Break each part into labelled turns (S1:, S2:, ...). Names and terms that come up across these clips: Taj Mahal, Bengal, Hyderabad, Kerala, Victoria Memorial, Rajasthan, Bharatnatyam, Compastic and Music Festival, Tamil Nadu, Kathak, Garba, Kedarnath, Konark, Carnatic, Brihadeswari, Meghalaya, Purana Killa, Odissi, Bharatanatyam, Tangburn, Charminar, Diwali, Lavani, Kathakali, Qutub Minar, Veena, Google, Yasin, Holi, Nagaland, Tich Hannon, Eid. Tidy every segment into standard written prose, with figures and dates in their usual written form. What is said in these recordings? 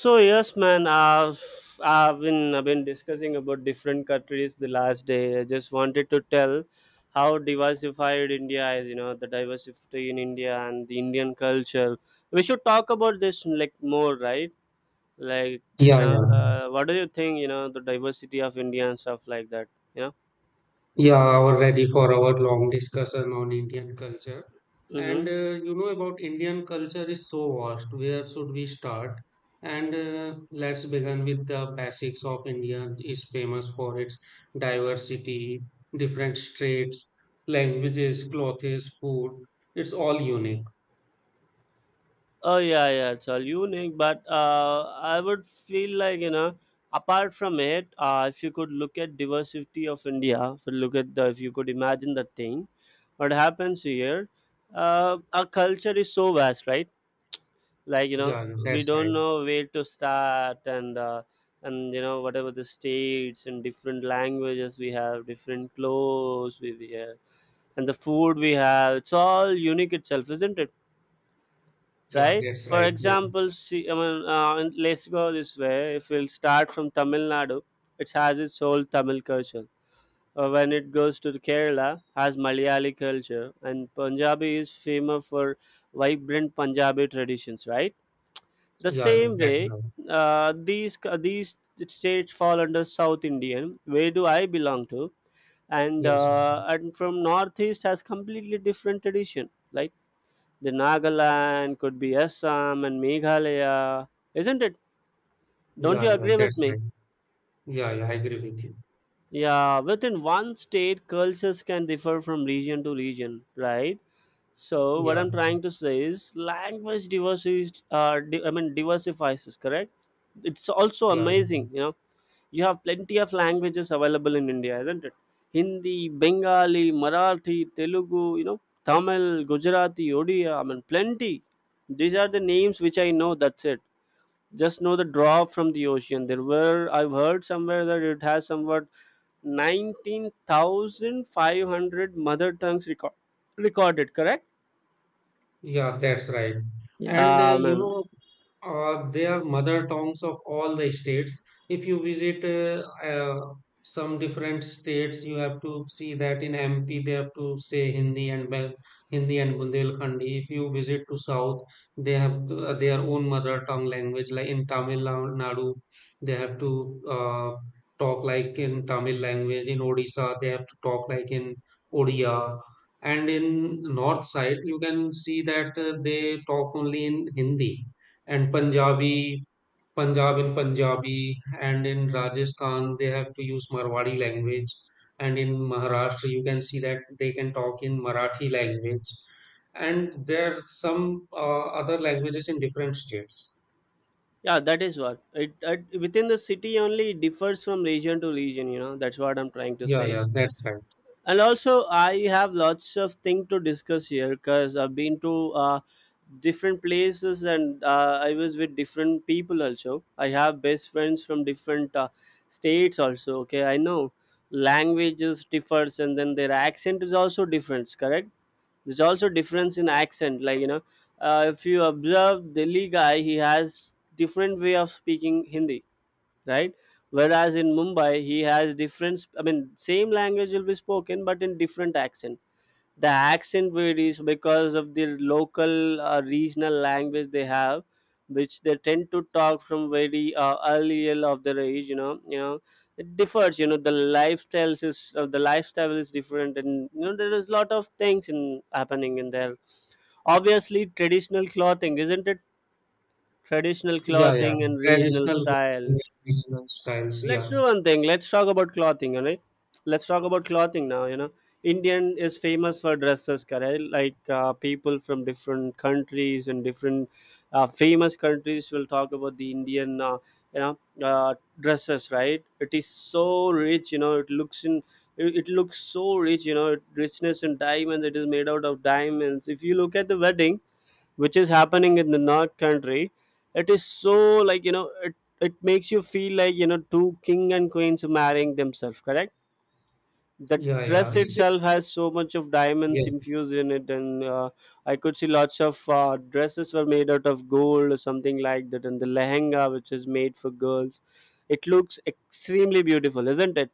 S1: So yes, man. I've been discussing about different countries the last day. I just wanted to tell how diversified India is. You know the diversity in India and the Indian culture. We should talk about this like more, right? Like you
S2: Yeah,
S1: know,
S2: yeah,
S1: uh, what do you think? You know the diversity of India and stuff like that. You know.
S2: yeah. We're ready for our long discussion on Indian culture. And
S1: Mm-hmm.
S2: you know about Indian culture is so vast. Where should we start? And let's begin with the basics of India is famous for its diversity, different states, languages, clothes, food. It's all unique.
S1: Oh yeah, yeah, it's all unique. But I would feel like you know, apart from it, if you could look at diversity of India, if you look at the, if you could imagine that thing, what happens here? Our culture is so vast, right? Like you know,
S2: Yeah, yeah,
S1: we
S2: that's right.
S1: don't know where to start, and you know, whatever the states and different languages we have, different clothes we wear, and the food we have, it's all unique itself, isn't it,
S2: Yeah,
S1: right?
S2: that's
S1: For
S2: right. Yeah,
S1: example, see, and let's go this way. If we'll start from Tamil Nadu, it has its whole Tamil culture. When it goes to Kerala, has Malayali culture, and Punjabi is famous for vibrant Punjabi traditions, right? The
S2: yeah, yeah,
S1: same
S2: that's
S1: way,
S2: right.
S1: these states fall under South Indian, where do I belong to? And
S2: Yes.
S1: uh, and from Northeast has completely different tradition. Like the Nagaland, could be Assam and Meghalaya, isn't it? Don't you
S2: Yeah, yeah,
S1: agree with
S2: that's right.
S1: me?
S2: Yeah, yeah, I agree with you.
S1: Yeah, within one state, cultures can differ from region to region, right? So what
S2: Yeah,
S1: I'm trying to say is language diversity diversifies, is correct? It's also
S2: yeah, yeah.
S1: amazing, you know. You have plenty of languages available in India, isn't it? Hindi, Bengali, Marathi, Telugu, you know, Tamil, Gujarati, Odia. I mean, plenty. These are the names which I know. That's it, just know the drop from the ocean. There were, I've heard somewhere that it has somewhat 19,500 mother tongues record, recorded, correct?
S2: Yeah, that's right. And
S1: Yeah,
S2: you
S1: man.
S2: know, they are mother tongues of all the states. If you visit some different states, you have to see that in MP they have to say Hindi and Hindi and Bundelkhandi. If you visit to South, they have their own mother tongue language. Like in Tamil Nadu, they have to talk like in Tamil language. In Odisha, they have to talk like in Odia. And in north side, you can see that they talk only in Hindi and Punjabi, Punjab in Punjabi, and in Rajasthan they have to use Marwari language, and in Maharashtra you can see that they can talk in Marathi language, and there are some other languages in different states.
S1: Yeah, that is what it within the city only, it differs from region to region, you know. That's what I'm trying to
S2: Yeah,
S1: say.
S2: yeah, that's right.
S1: And also I have lots of thing to discuss here because I've been to different places, and I was with different people. Also I have best friends from different states also. Okay, I know languages differs, and then their accent is also different, correct? There's also difference in accent, like you know, if you observe Delhi guy, he has different way of speaking Hindi, right? Whereas in Mumbai, he has different sp- I mean same language will be spoken, but in different accent. The accent varies because of the local regional language they have, which they tend to talk from very early of their age, you know. You know, it differs, you know. The lifestyle is different, and you know there is a lot of things in happening in there. Obviously traditional clothing, isn't it? Traditional
S2: Yeah, yeah,
S1: clothing and regional
S2: traditional clothing
S1: style.
S2: and regional styles.
S1: Let's
S2: Yeah,
S1: do one thing, let's talk about clothing. All right, let's talk about clothing now. You know, Indian is famous for dresses, correct? Like people from different countries and different famous countries will talk about the Indian you know, dresses, right? It is so rich, you know. It looks so rich, you know, richness in diamonds. It is made out of diamonds. If you look at the wedding which is happening in the north country, it is so, like you know, it makes you feel like you know two king and queens marrying themselves, correct? The
S2: yeah, yeah.
S1: dress
S2: It's
S1: itself has so much of diamonds infused in it, and I could see lots of dresses were made out of gold or something like that, and the lehenga which is made for girls, it looks extremely beautiful, isn't it?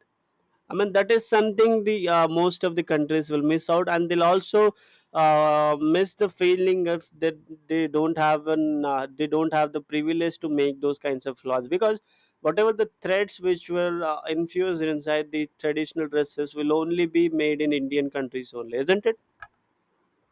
S1: I mean, that is something the most of the countries will miss out, and they'll also miss the feeling if that they don't have an they don't have the privilege to make those kinds of laws, because whatever the threads which were infused inside the traditional dresses will only be made in Indian countries only, isn't it?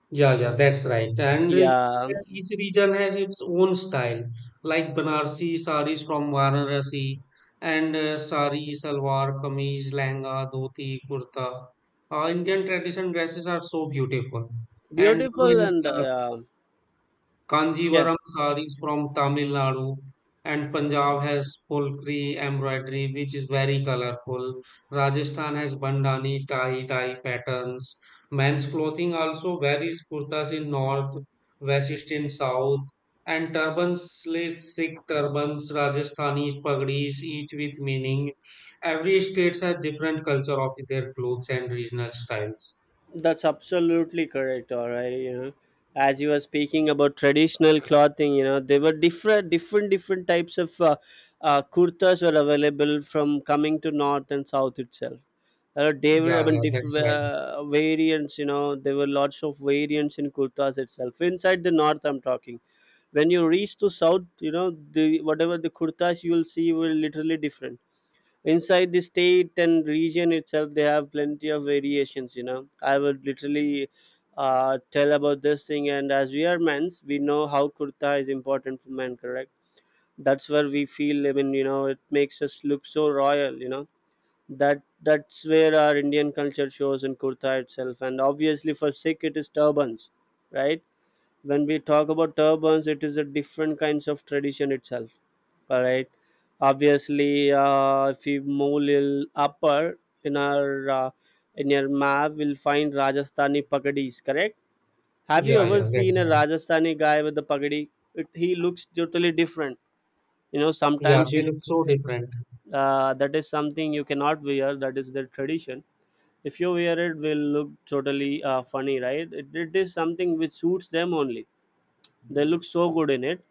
S2: Yeah, yeah, that's right. And
S1: Yeah,
S2: each region has its own style, like Banarsi saris from Varanasi, and sari, salwar, kameez, langa, dhoti, kurta. Indian tradition dresses are so beautiful. And you know,
S1: beautiful,
S2: in
S1: and yeah.
S2: Kanjivaram sarees from Tamil Nadu, and Punjab has Polkri embroidery, which is very colorful. Rajasthan has bandhani tie dye patterns. Men's clothing also varies, kurtas in north, vest in south, and turbans, Sikh turbans, Rajasthani pagdis, each with meaning. Every state has different culture of their clothes and regional styles.
S1: That's absolutely correct. All right, you know, as you were speaking about traditional clothing, you know, there were different types of kurtas were available from coming to north and south itself. They were, I
S2: Yeah,
S1: mean,
S2: yeah, that's
S1: different
S2: right.
S1: variants. You know, there were lots of variants in kurtas itself. Inside the north, I'm talking. When you reach to south, you know, the whatever the kurtas you will see will literally different inside the state and region itself. They have plenty of variations, you know. I would literally tell about this thing. And as we are men's, we know how kurta is important for men, correct? That's where we feel, I mean, you know, it makes us look so royal, you know. That's where our Indian culture shows in kurta itself. And obviously for Sikh, it is turbans, right? When we talk about turbans, it is a different kinds of tradition itself. All right, obviously, if we move little upper in our in your map, we'll find Rajasthani pagadis, correct? Have you
S2: Yeah,
S1: ever
S2: yeah,
S1: seen
S2: that's
S1: a
S2: right.
S1: Rajasthani guy with a pagadi? He looks totally different. You know,
S2: Yeah,
S1: sometimes
S2: they
S1: you,
S2: look so different.
S1: that is something you cannot wear, that is their tradition. If you wear, it will look totally funny, right? It is something which suits them only, they look so good in it.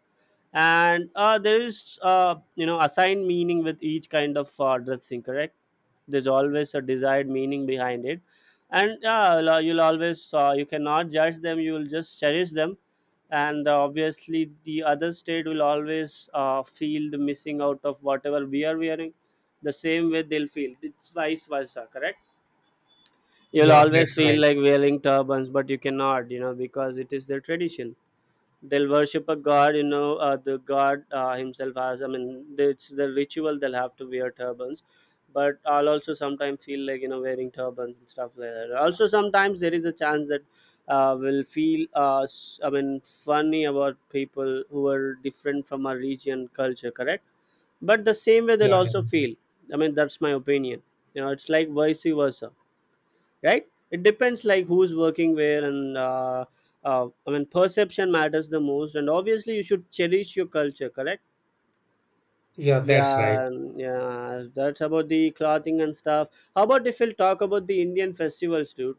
S1: And there is, you know, assigned meaning with each kind of dressing, correct? There's always a desired meaning behind it. And you'll always you cannot judge them, you will just cherish them. And obviously the other state will always feel the missing out of whatever we are wearing. The same way they'll feel, it's vice versa, correct? You'll
S2: Yeah,
S1: always
S2: that's
S1: feel
S2: right.
S1: like wearing turbans, but you cannot, you know, because it is their tradition. They'll worship a god, you know. The god himself has, I mean, it's the ritual, they'll have to wear turbans. But I'll also sometimes feel like you know wearing turbans and stuff like that. Also sometimes there is a chance that will feel funny about people who are different from our region culture, correct? But the same way
S2: Yeah,
S1: they'll also
S2: yeah,
S1: feel, I mean, that's my opinion. You know, it's like vice versa, right? It depends like who's working where, and I mean perception matters the most. And obviously you should cherish your culture, correct?
S2: yeah, that's right.
S1: Yeah, yeah, that's about the clothing and stuff. How about if we'll talk about the Indian festivals, dude?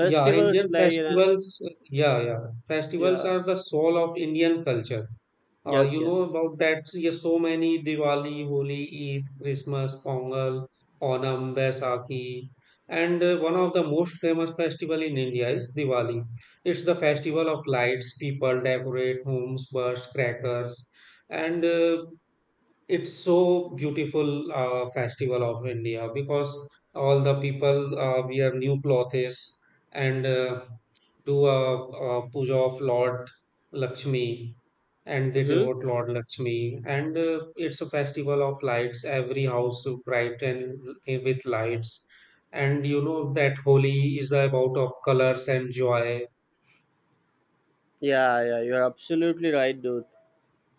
S2: Yeah, Indian
S1: like
S2: festivals, yeah, yeah, festivals
S1: yeah,
S2: are the soul of Indian culture. Uh,
S1: yes,
S2: you
S1: yes.
S2: know about that, yeah, so many Diwali, Holi, Eid, Christmas, Pongal, Onam, Baisakhi. And one of the most famous festival in India is Diwali. It's the festival of lights. People decorate homes, burst crackers, and it's so beautiful festival of India, because all the people wear new clothes, and do a puja of Lord Lakshmi, and they
S1: Mm-hmm.
S2: devote Lord Lakshmi, and it's a festival of lights, every house brighten with lights, and you know that Holi is about of colors and joy.
S1: Yeah, yeah, you're absolutely right, dude.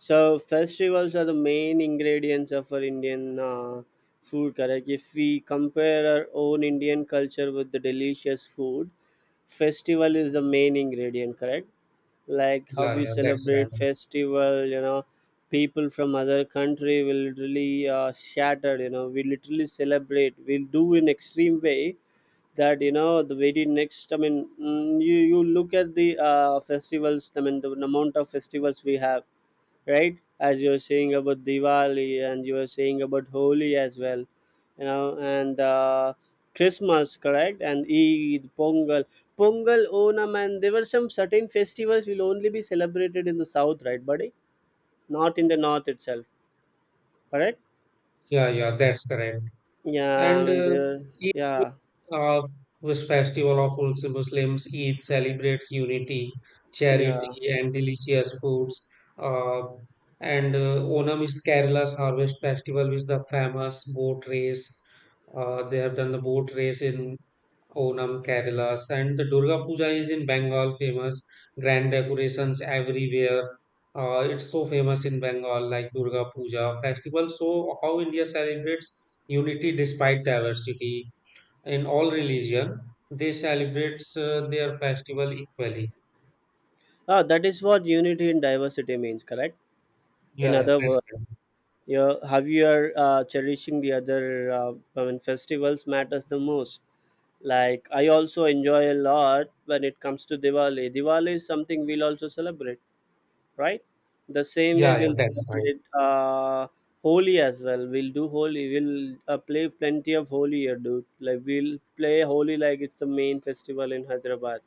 S1: So festivals are the main ingredients of our Indian food. Correct. If we compare our own Indian culture with the delicious food, festival is the main ingredient. Correct. Like how
S2: Yeah,
S1: we
S2: yeah, that's right.
S1: celebrate festival, you know, people from other country will literally shattered. You know, we literally celebrate, we'll do in extreme way. That you know the very next, I mean, you look at the festivals. I mean, the amount of festivals we have, right? As you were saying about Diwali and you were saying about Holi as well, you know, and Christmas, correct? And Eid, Pongal, Onam, and there were some certain festivals will only be celebrated in the south, right, buddy? Not in the north itself, correct?
S2: Yeah, yeah, that's correct. And
S1: Yeah, and there, yeah,
S2: Eid, uh, this festival of also Muslims, Eid celebrates unity,
S1: yeah.
S2: charity, and delicious foods. Uh, and Onam is Kerala's harvest festival, which the famous boat race. They have done the boat race in Onam, Kerala, and the Durga Puja is in Bengal famous. Grand decorations everywhere. It's so famous in Bengal, like Durga Puja festival. So how India celebrates unity despite diversity in all religion, they celebrate their festival equally.
S1: Ah, that is what unity in diversity means, correct? In
S2: Yeah, yeah,
S1: other
S2: that's
S1: words.
S2: right.
S1: Yeah, have you are cherishing the other I mean festivals matters the most. Like I also enjoy a lot when it comes to Diwali. Diwali is something we'll also celebrate, right? The same way
S2: Yeah, yeah,
S1: we'll
S2: that's right.
S1: celebrate Holi as well. We'll do Holi, we'll play plenty of Holi here, dude. Like we'll play Holi like it's the main festival in Hyderabad.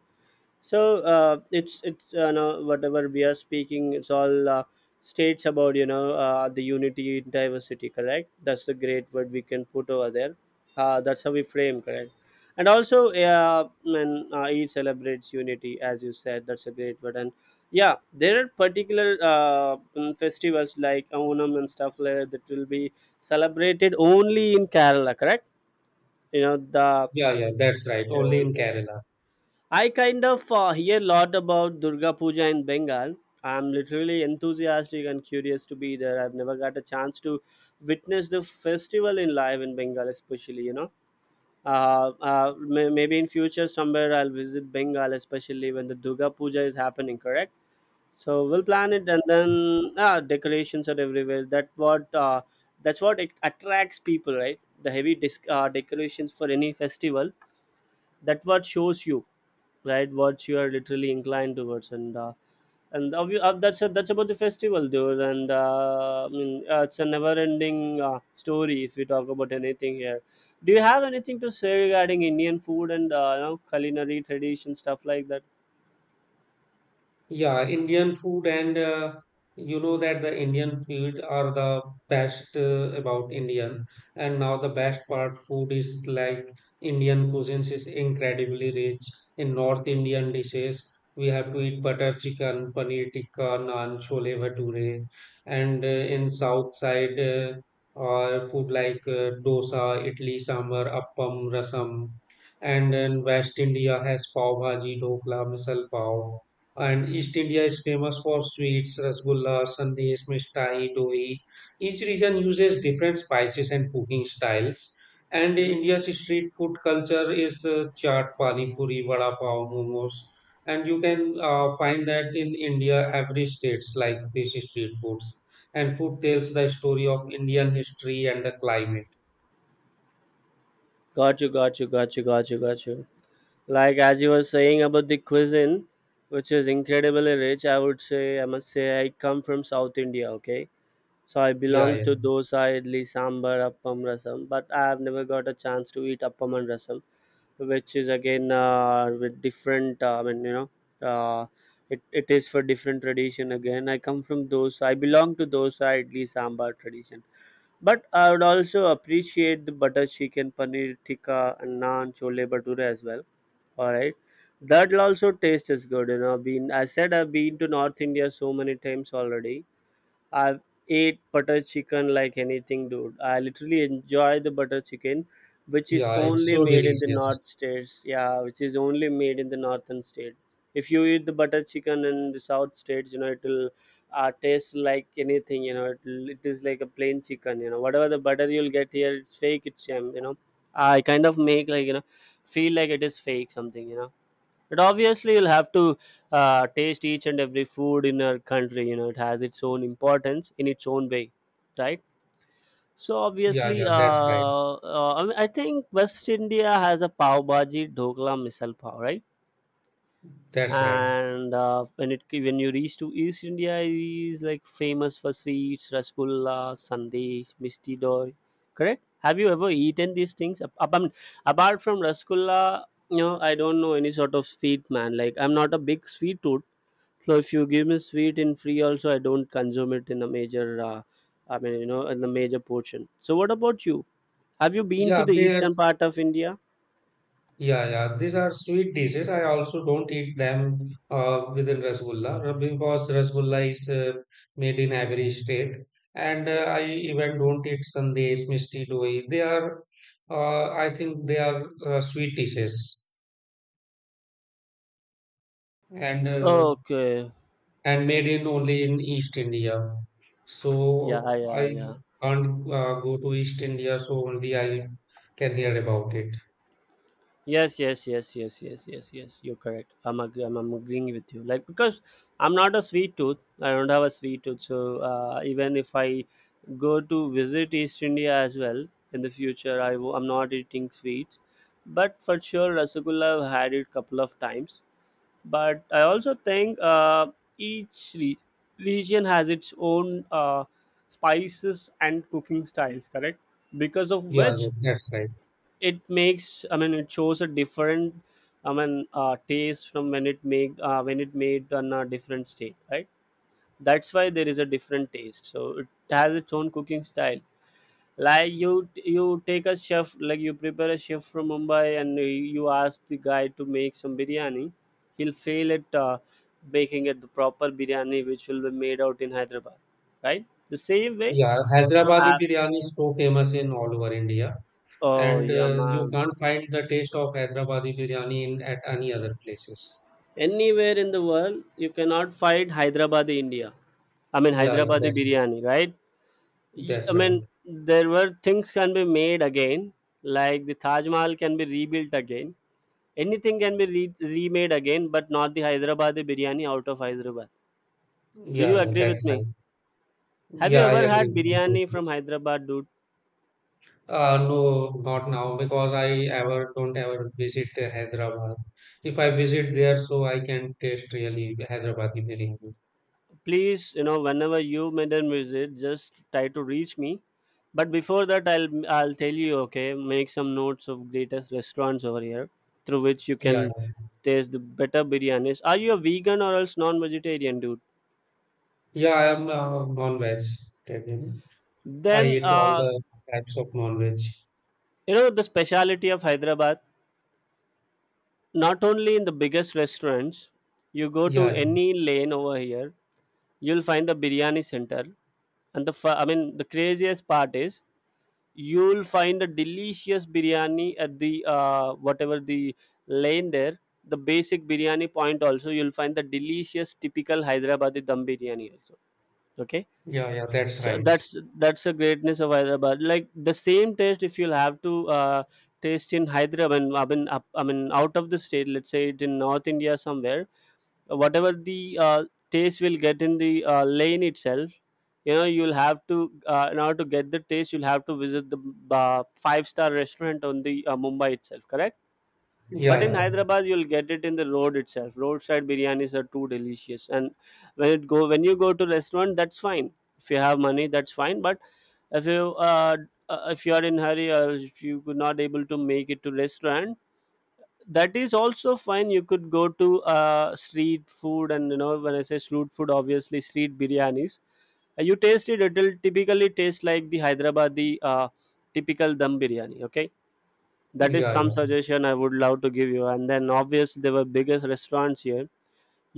S1: So it's you know, whatever we are speaking, it's all states about, you know, the unity in diversity, correct? That's the great word we can put over there. That's how we frame, correct? And also when each celebrates unity, as you said, that's a great word. And yeah, there are particular festivals like Onam and stuff like that that will be celebrated only in Kerala, correct? You know the,
S2: Yeah, yeah, that's right.
S1: you know,
S2: Only in Kerala.
S1: I kind of hear a lot about Durga Puja in Bengal. I'm literally enthusiastic and curious to be there. I've never got a chance to witness the festival in live in Bengal, especially, you know. Maybe in future somewhere I'll visit Bengal, especially when the Durga Puja is happening, correct? So we'll plan it and then decorations are everywhere. That's what it attracts people, right? The heavy disc, decorations for any festival, that what shows you right what you are literally inclined towards, and that's about the festival, dude. And I mean It's a never ending story if we talk about anything here. Do you have anything to say regarding Indian food and you know, culinary tradition, stuff like that?
S2: Yeah, Indian food, and you know that the Indian food are the best about Indian, and now the best part food is like Indian cuisines is incredibly rich in North Indian dishes, we have to eat butter chicken, paneer tikka, naan, chole bhature, and in south side food like dosa, idli, sambar, appam, rasam, and in West India has pav bhaji, dokla, misal pav, and East India is famous for sweets, rasgulla, sandesh, mithai, doi. Each region uses different spices and cooking styles. And
S1: Hmm.
S2: India's street food culture is chaat, pani puri, vada pav, momos. And you can find that in India, every states like these street foods. And food tells the story of Indian history and the climate.
S1: Got you got you got you got you got you Like as you were saying about the cuisine, which is incredibly rich, I would say, I must say I come from South India, okay. So I belong
S2: Yeah, yeah,
S1: to dosa, idli, sambar, appam, rasam, but I have never got a chance to eat appam and rasam, which is again with different. I mean, you know, uh, it is for different tradition again. I come from dosa. I belong to dosa, idli, sambar tradition, but I would also appreciate the butter chicken, paneer tikka, and naan, chole bhature as well. All right. That also taste is good, you know. Been I said I've been to North India so many times already. I've ate butter chicken like anything, dude. I literally enjoy the butter chicken, which is
S2: yeah. It's
S1: only
S2: so
S1: made in the
S2: delicious.
S1: north states. Yeah, which is only made in the northern state. If you eat the butter chicken in the south states, you know it will taste like anything. You know it is like a plain chicken. You know whatever the butter you'll get here, it's fake. It's jam. You know, I kind of make like, you know, feel like it is fake something, you know. But obviously you'll have to taste each and every food in our country. You know it has its own importance in its own way, right? So
S2: Yeah,
S1: obviously,
S2: yeah. That's
S1: uh,
S2: right.
S1: uh, I, mean, I think West India has a pav bhaji, dhokla, misal pav, right?
S2: That's right.
S1: And when it when you reach to East India is like famous for sweets, rasgulla, sandesh, misti doi, correct? Have you ever eaten these things? I mean, apart from rasgulla, you know, I don't know any sort of sweet, man. Like I'm not a big sweet tooth, so if you give me sweet in free also, I don't consume it in a major I mean, you know, in a major portion. So what about you? Have you been to
S2: Yeah,
S1: the
S2: there's
S1: eastern part of India?
S2: yeah, yeah, these are sweet dishes. I also don't eat them within Rasgulla because Rasgulla is made in Ivory State, and I even don't eat sandesh, misti doi. They are, I think, they are sweet dishes, and uh,
S1: Okay.
S2: and made in only in East India.
S1: Yeah,
S2: So
S1: yeah,
S2: I
S1: yeah.
S2: can't go to East India, so only I can hear about it.
S1: Yes, yes, yes, yes, yes, yes, yes. You're correct. I'm agreeing with you. Like because I'm not a sweet tooth. I don't have a sweet tooth. So even if I go to visit East India as well in the future, I'm not eating sweets. But for sure, rasgulla I've had it couple of times. But I also think each re- region has its own spices and cooking styles. Correct. Because of
S2: Yeah, yeah,
S1: which
S2: that's right.
S1: it makes, I mean, it shows a different, I mean, taste from when it make when it made on a different state, right? That's why there is a different taste, so it has its own cooking style. Like you take a chef, like you prepare a chef from Mumbai and you ask the guy to make some biryani, he'll fail at making it the proper biryani which will be made out in Hyderabad, right? The same way,
S2: Yeah, Hyderabadi
S1: uh,
S2: biryani is so famous in all over India,
S1: oh
S2: and
S1: yeah
S2: you
S1: man.
S2: can't find the taste of Hyderabadi biryani in at any other places.
S1: Anywhere in the world, you cannot find Hyderabadi India. I mean,
S2: Yeah, yeah,
S1: Hyderabadi
S2: that's
S1: biryani, right?
S2: that's
S1: I mean,
S2: right.
S1: there were things can be made again, like the Taj Mahal can be rebuilt again. Anything can be remade again, but not the Hyderabadi biryani out of Hyderabad. Do you
S2: Yeah, yeah,
S1: agree with
S2: that's
S1: me?
S2: right.
S1: Have you
S2: Yeah, I
S1: ever
S2: agree
S1: had
S2: with you
S1: biryani
S2: totally.
S1: from Hyderabad, dude?
S2: No, not now because I ever don't ever visit Hyderabad. If I visit there, so I can taste really Hyderabadi biryani.
S1: Please, you know, whenever you made a visit, just try to reach me. But before that, I'll tell you, okay? Make some notes of greatest restaurants over here, through which you
S2: Yeah,
S1: can
S2: yeah.
S1: taste the better biryanis. Are you a vegan or else non-vegetarian, dude?
S2: Yeah, I am non-veg. Vegetarian. I
S1: Then
S2: eat all the types of non-veg.
S1: you know the speciality of Hyderabad, not only in the biggest restaurants. You go to
S2: Yeah.
S1: any lane over here, you'll find the biryani center. And I mean, the craziest part is you'll find a delicious biryani at the whatever the lane there. The basic biryani point also, you'll find the delicious typical Hyderabadi dum biryani also, okay.
S2: Yeah, yeah, that's
S1: So
S2: right.
S1: that's the greatness of Hyderabad. Like the same taste if you'll have to taste in Hyderabad, I mean out of the state, let's say it in North India somewhere, whatever the taste will get in the lane itself. You know, you'll have to in order to get the taste, you'll have to visit the five-star restaurant on the Mumbai itself, correct?
S2: Yeah,
S1: But in
S2: yeah,
S1: Hyderabad, you'll get it in the road itself. Roadside biryanis are too delicious. And when it go when you go to restaurant, that's fine. If you have money, that's fine, but if you uh, if you are in hurry, or if you could not able to make it to restaurant, that is also fine. You could go to street food, and you know, when I say street food, obviously street biryanis. You taste it, it'll typically taste like the Hyderabadi typical dum biryani, okay?
S2: yeah,
S1: That is
S2: yeah,
S1: some
S2: yeah,
S1: suggestion I would love to give you, and then obviously there were biggest restaurants here.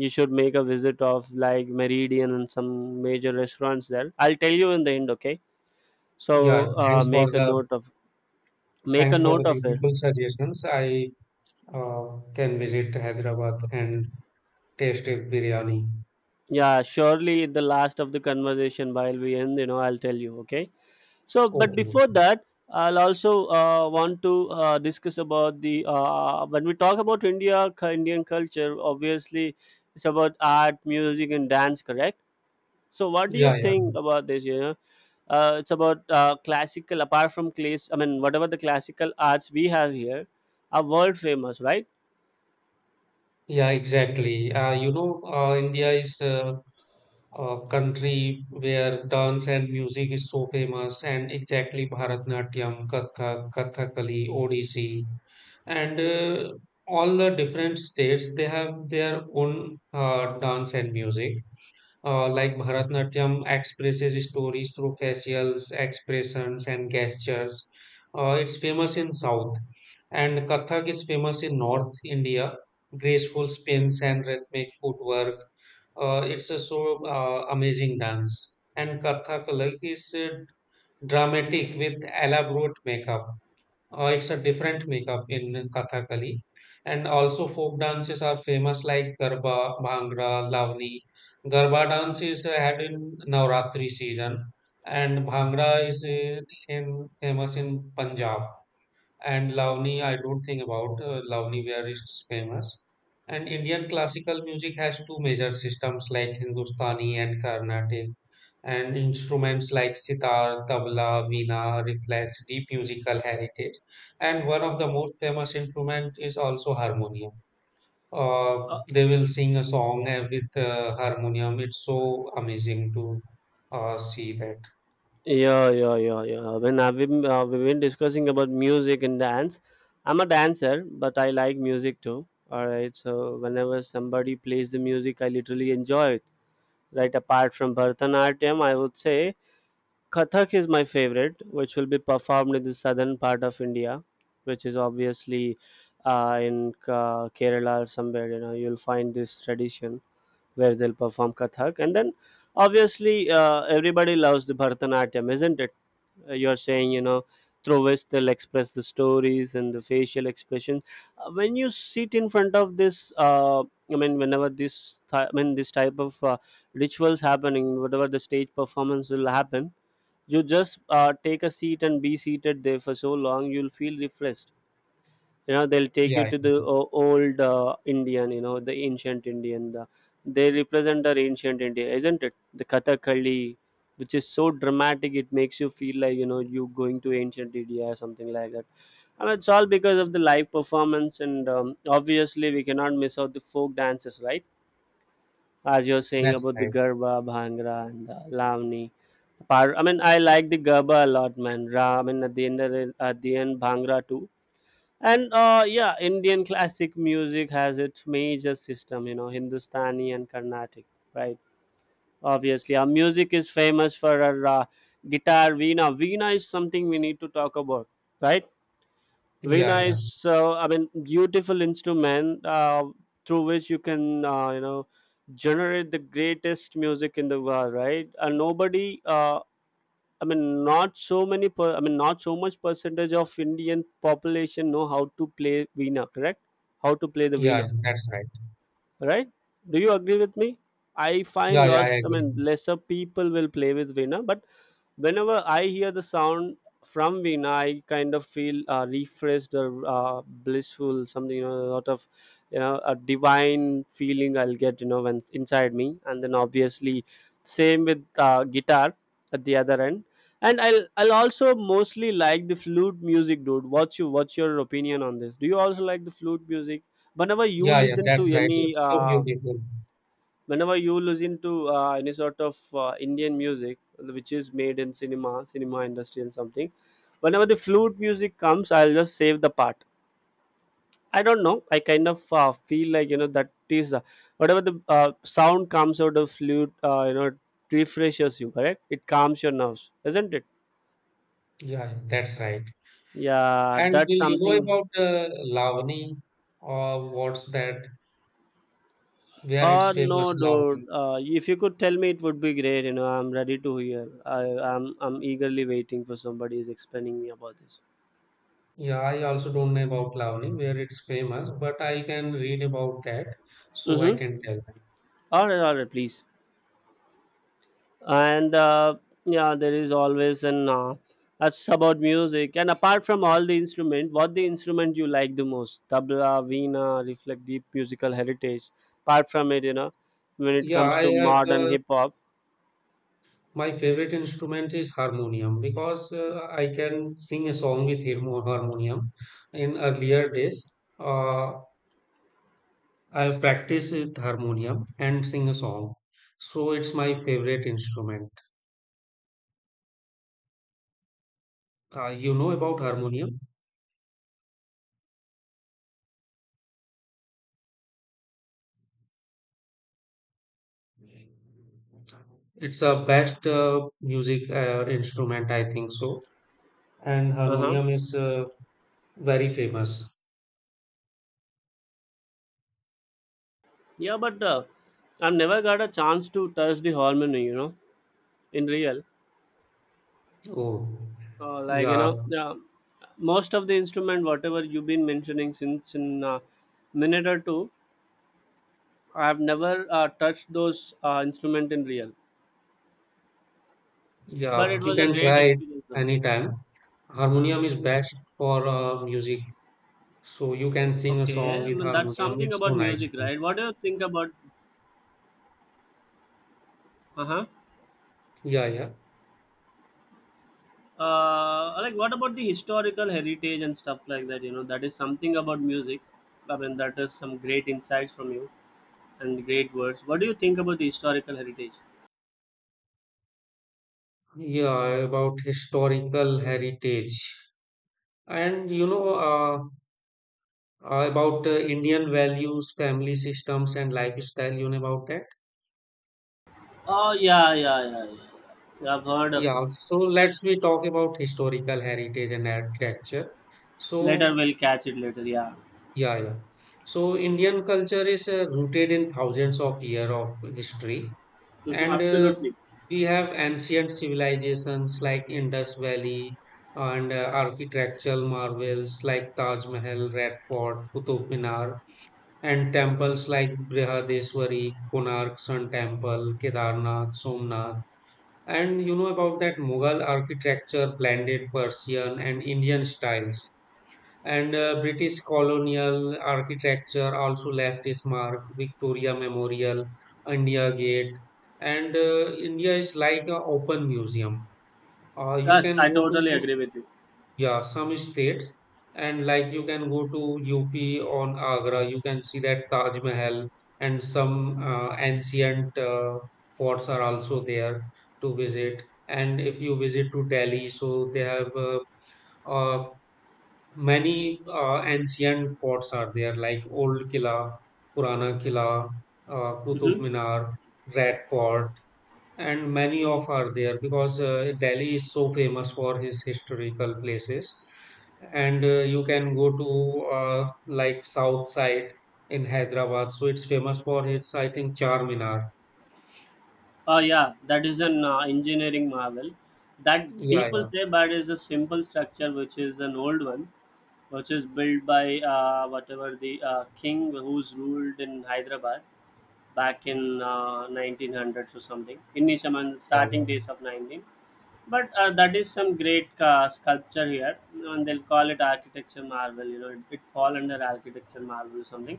S1: You should make a visit of like Meridian and some major restaurants there. I'll tell you in the end, okay? So
S2: yeah.
S1: uh,
S2: Thanks for
S1: make a
S2: the
S1: note of make
S2: thanks
S1: a
S2: for the
S1: note of it.
S2: beautiful suggestions. I can visit Hyderabad and taste a biryani.
S1: Yeah, surely in the last of the conversation while we end, you know, I'll tell you, okay? So, but
S2: Okay.
S1: before that, I'll also want to discuss about the when we talk about India, Indian culture, obviously it's about art, music, and dance, correct? So, what do you
S2: Yeah, yeah,
S1: think about this? You know, it's about classical, apart from class, I mean, whatever the classical arts we have here are world famous, right?
S2: yeah. Exactly. You know, India is a country where dance and music is so famous, and exactly Bharatnatyam, Kathak, Kathakali, Odissi. And all the different states they have their own dance and music. Like Bharatnatyam expresses stories through facials expressions and gestures. It's famous in south. And Kathak is famous in North India, graceful spins and rhythmic footwork. It's a so amazing dance. And Kathak like is dramatic with elaborate makeup. It's a different makeup in Kathakali. And also folk dances are famous like Garba, Bhangra, Lavani. Garba dance is had in Navratri season, and Bhangra is famous in Punjab, and Lavani, I don't think about Lavani where it's famous. And Indian classical music has two major systems like Hindustani and Carnatic, and instruments like sitar, tabla, veena reflects deep musical heritage. And one of the most famous instrument is also harmonium. They will sing a song with harmonium. It's so amazing to see that.
S1: Yeah, yeah, yeah, yeah. When I've been, we've been discussing about music and dance, I'm a dancer, but I like music too. All right, so whenever somebody plays the music, I literally enjoy it. Right, apart from Bharatanatyam, I would say Kathak is my favorite, which will be performed in the southern part of India, which is obviously in Kerala or somewhere. You know, you'll find this tradition where they'll perform Kathak, and then obviously everybody loves the Bharatanatyam, isn't it? You're saying, you know, through which they'll express the stories and the facial expression. When you sit in front of this, uh, whenever this, I mean this type of rituals happening, whatever the stage performance will happen, you just take a seat and be seated there for so long, you'll feel refreshed. You know, they'll take you
S2: Yeah,
S1: to
S2: yeah,
S1: the old Indian, you know, the ancient Indian, the, they represent our ancient India, isn't it? The Kathakali, which is so dramatic, it makes you feel like, you know, you going to ancient India or something like that. I mean, it's all because of the live performance and obviously we cannot miss out the folk dances, right? As you're saying
S2: that's
S1: about the
S2: right.
S1: Garba, Bhangra, and the Lavani. I mean, I like the Garba a lot, man. I mean, at the end, at the end, Bhangra too. And yeah, Indian classic music has its major system, you know, Hindustani and Carnatic, right? Obviously, our music is famous for our guitar, veena. Veena is something we need to talk about, right?
S2: Yeah,
S1: Veena
S2: yeah,
S1: is so, I mean, beautiful instrument through which you can, you know, generate the greatest music in the world, right? And nobody I mean, not so many. I mean, not so much percentage of Indian population know how to play veena. Correct? How to play the
S2: yeah, yeah,
S1: veena?
S2: that's right.
S1: Right? Do you agree with me? I find
S2: Yeah, yeah, I
S1: lots, I
S2: agree.
S1: mean, lesser people will play with veena, but whenever I hear the sound from veena, I kind of feel refreshed or blissful, something, you know, a lot of, you know, a divine feeling I'll get, you know, when inside me. And then obviously, same with guitar at the other end. And I'll also mostly like the flute music, dude. What's your, what's your opinion on this? Do you also like the flute music? whenever you
S2: Yeah, yeah,
S1: listen to
S2: that's right.
S1: any
S2: It's so
S1: uh,
S2: beautiful.
S1: Whenever you listen to any sort of Indian music which is made in cinema industry and something. Whenever the flute music comes, I'll just save the part. I don't know, I kind of feel like, that is, whatever the sound comes out of flute. You know, it refreshes you, correct? It calms your nerves, isn't it?
S2: Yeah, yeah, that's right.
S1: Yeah,
S2: And
S1: that's
S2: will you know
S1: something.
S2: about Lavani or what's that? Where it's
S1: No,
S2: famous,
S1: dude.
S2: Lavani?
S1: If you could tell me, it would be great. You know, I'm ready to hear. I'm eagerly waiting for somebody is explaining me about this.
S2: Yeah, I also don't know about Lavani, where it's famous, but I can read about that, so I
S1: Mm-hmm.
S2: can tell.
S1: All right, please. And Yeah, there is always an that's about music. And apart from all the instrument, what the instrument you like the most? Tabla, veena, reflect deep musical heritage. Apart from it, you know, when it
S2: Yeah,
S1: comes
S2: I
S1: to
S2: have
S1: modern hip hop.
S2: my favorite instrument is harmonium, because I can sing a song with harmonium in earlier days. Uh, I practice with harmonium and sing a song, so it's my favorite instrument. You know about harmonium? It's a best music instrument, I think so. And
S1: Uh huh.
S2: harmonium is very famous.
S1: Yeah, but I've never got a chance to touch the harmony, you know, in real.
S2: Oh,
S1: Like, you
S2: yeah,
S1: know, most of the instrument whatever you've been mentioning since in a minute or two, I have never touched those instrument in real, but
S2: yeah.
S1: it
S2: You
S1: was a
S2: can
S1: great
S2: try it
S1: experience though.
S2: anytime.
S1: Hmm.
S2: Harmonium is best for music, so you can sing a song
S1: Okay, I
S2: with
S1: mean that's
S2: harmonium.
S1: something
S2: It's so
S1: about
S2: nice.
S1: music,
S2: Too.
S1: right? What do you think about? Uh-huh.
S2: Yeah, yeah,
S1: Like, what about the historical heritage and stuff like that, you know, that is something about music. I mean that is some great insights from you and great words. What do you think about the historical heritage?
S2: yeah. About historical heritage. And you know about Indian values, family systems, and lifestyle. You know about that?
S1: Oh yeah, yeah, yeah, yeah, yeah. I've heard of it.
S2: Yeah. So let's we talk about historical heritage and architecture.
S1: Later,
S2: So
S1: we'll catch it later. Yeah.
S2: yeah, yeah. So Indian culture is rooted in thousands of years of history,
S1: Mhm,
S2: and
S1: absolutely.
S2: we have ancient civilizations like Indus Valley, and architectural marvels like Taj Mahal, Red Fort, Qutub Minar, and temples like Brihadeswari, Konark Sun Temple, Kedarnath, Somnath. And you know about that Mughal architecture blended Persian and Indian styles. And British colonial architecture also left its mark. Victoria Memorial, India Gate. And India is like an open museum. You
S1: Yes,
S2: can
S1: I
S2: go
S1: totally
S2: to,
S1: agree with you.
S2: yeah, some states, and like you can go to UP on Agra, you can see that Taj Mahal, and some ancient forts are also there to visit. And if you visit to Delhi, so they have uh, many ancient forts are there, like Old Killa, Purana Killa, Qutub
S1: Mm-hmm.
S2: Minar, Red Fort, and many of are there because Delhi is so famous for his historical places. And you can go to like south side in Hyderabad, so it's famous for its, I think, Charminar.
S1: Oh yeah, that is an engineering marvel that
S2: Yeah,
S1: people
S2: yeah,
S1: say, but is a simple structure which is an old one, which is built by whatever the king who's ruled in Hyderabad back in 1900s or something. In Nishaman,
S2: yeah,
S1: starting days of 19. But that is some great sculpture here, and they'll call it architecture marvel. You know, it fall under architecture marvel or something.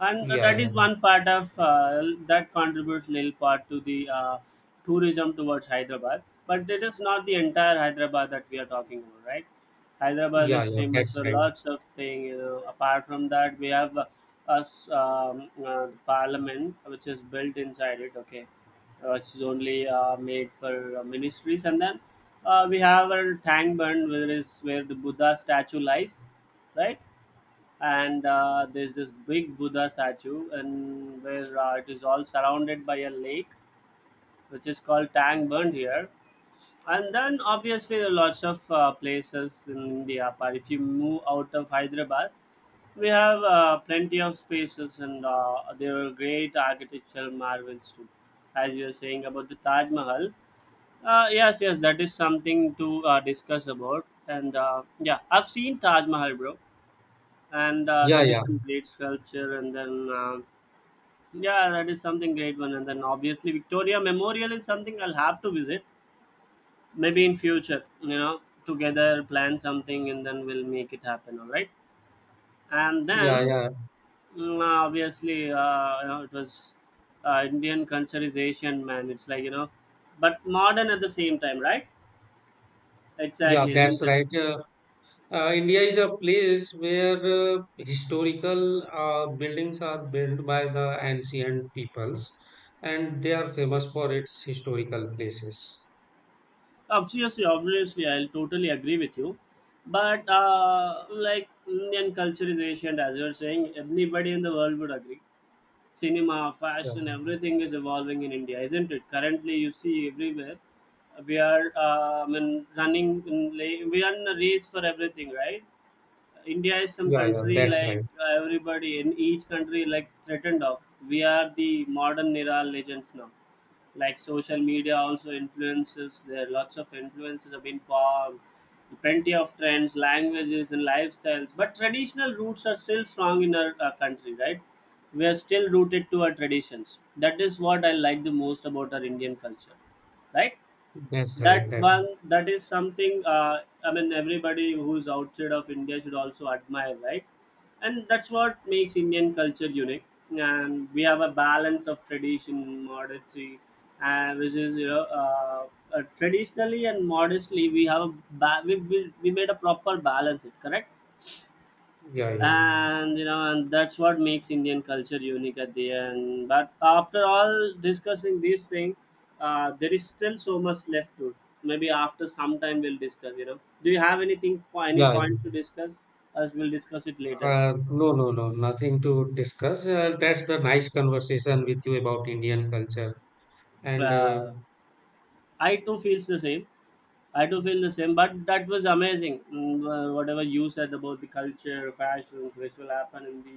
S1: And
S2: yeah,
S1: that
S2: yeah,
S1: is one part of that contributes little part to the tourism towards Hyderabad, but it is not the entire Hyderabad that we are talking about, right? Hyderabad
S2: yeah,
S1: is
S2: yeah, yeah.
S1: famous
S2: That's
S1: for
S2: right.
S1: lots of things, you know. Apart from that, we have us, the parliament which is built inside it, okay, which is only made for ministries. And then we have a tank burn where is where the Buddha statue lies, right? And there's this big Buddha statue, and where it is all surrounded by a lake, which is called Tangburn here. And then obviously there are lots of places in India. But if you move out of Hyderabad, we have plenty of spaces, and there are great architectural marvels too. As you were saying about the Taj Mahal, yes, yes, that is something to discuss about. And Yeah, I've seen Taj Mahal, bro, and
S2: Yeah,
S1: that is
S2: yeah,
S1: some great sculpture, and then yeah, that is something great one. And then obviously Victoria Memorial is something I'll have to visit, maybe in future, you know, together plan something, and then we'll make it happen, all right? And
S2: yeah,
S1: then
S2: yeah,
S1: obviously, you know, it was Indian culture is Asian, man, it's like, you know, but modern at the same time, right?
S2: yeah.
S1: Exactly,
S2: That's
S1: isn't it?
S2: right. India is a place where historical buildings are built by the ancient peoples, and they are famous for its historical places.
S1: Obviously, obviously, I'll totally agree with you. But like Indian culture is ancient, as you're saying, everybody in the world would agree. Cinema,
S2: Yeah,
S1: fashion, everything is evolving in India, isn't it? Currently, you see everywhere we are, I mean, we are in a race for everything, right? India is some
S2: yeah, yeah,
S1: country
S2: that's
S1: like
S2: right.
S1: everybody in each country like threatened of. We are the modern era legends now. Like social media also influences. There are lots of influences have been formed. Plenty of trends, languages, and lifestyles. But traditional roots are still strong in our country, right? We are still rooted to our traditions. That is what I like the most about our Indian culture, right?
S2: That's right.
S1: That
S2: That's right.
S1: one, that is something. I mean everybody who's outside of India should also admire, right? And that's what makes Indian culture unique. And we have a balance of tradition, modesty, and which is, you know, traditionally and modestly we have a we made a proper balance it, correct?
S2: Yeah, yeah,
S1: And you know, and that's what makes Indian culture unique at the end. But after all discussing these things, there is still so much left to. Maybe after some time, we'll discuss, you know, do you have anything, any
S2: yeah, yeah.
S1: point to discuss, as we'll discuss it later?
S2: No, no, no, nothing to discuss. That's the nice conversation with you about Indian culture. And
S1: uh, I too feels the same. I do feel the same, but that was amazing. Whatever you said about the culture, fashions, which will happen in the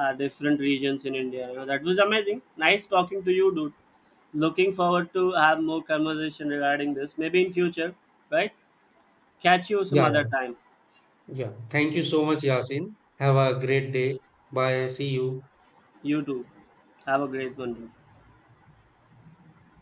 S1: different regions in India, you know, that was amazing. Nice talking to you, dude. Looking forward to have more conversation regarding this, maybe in future, right? Catch you some
S2: yeah,
S1: other
S2: yeah,
S1: time.
S2: yeah. Thank you so much, Yasin. Have a great day. Bye. See you.
S1: You too. Have a great one, dude.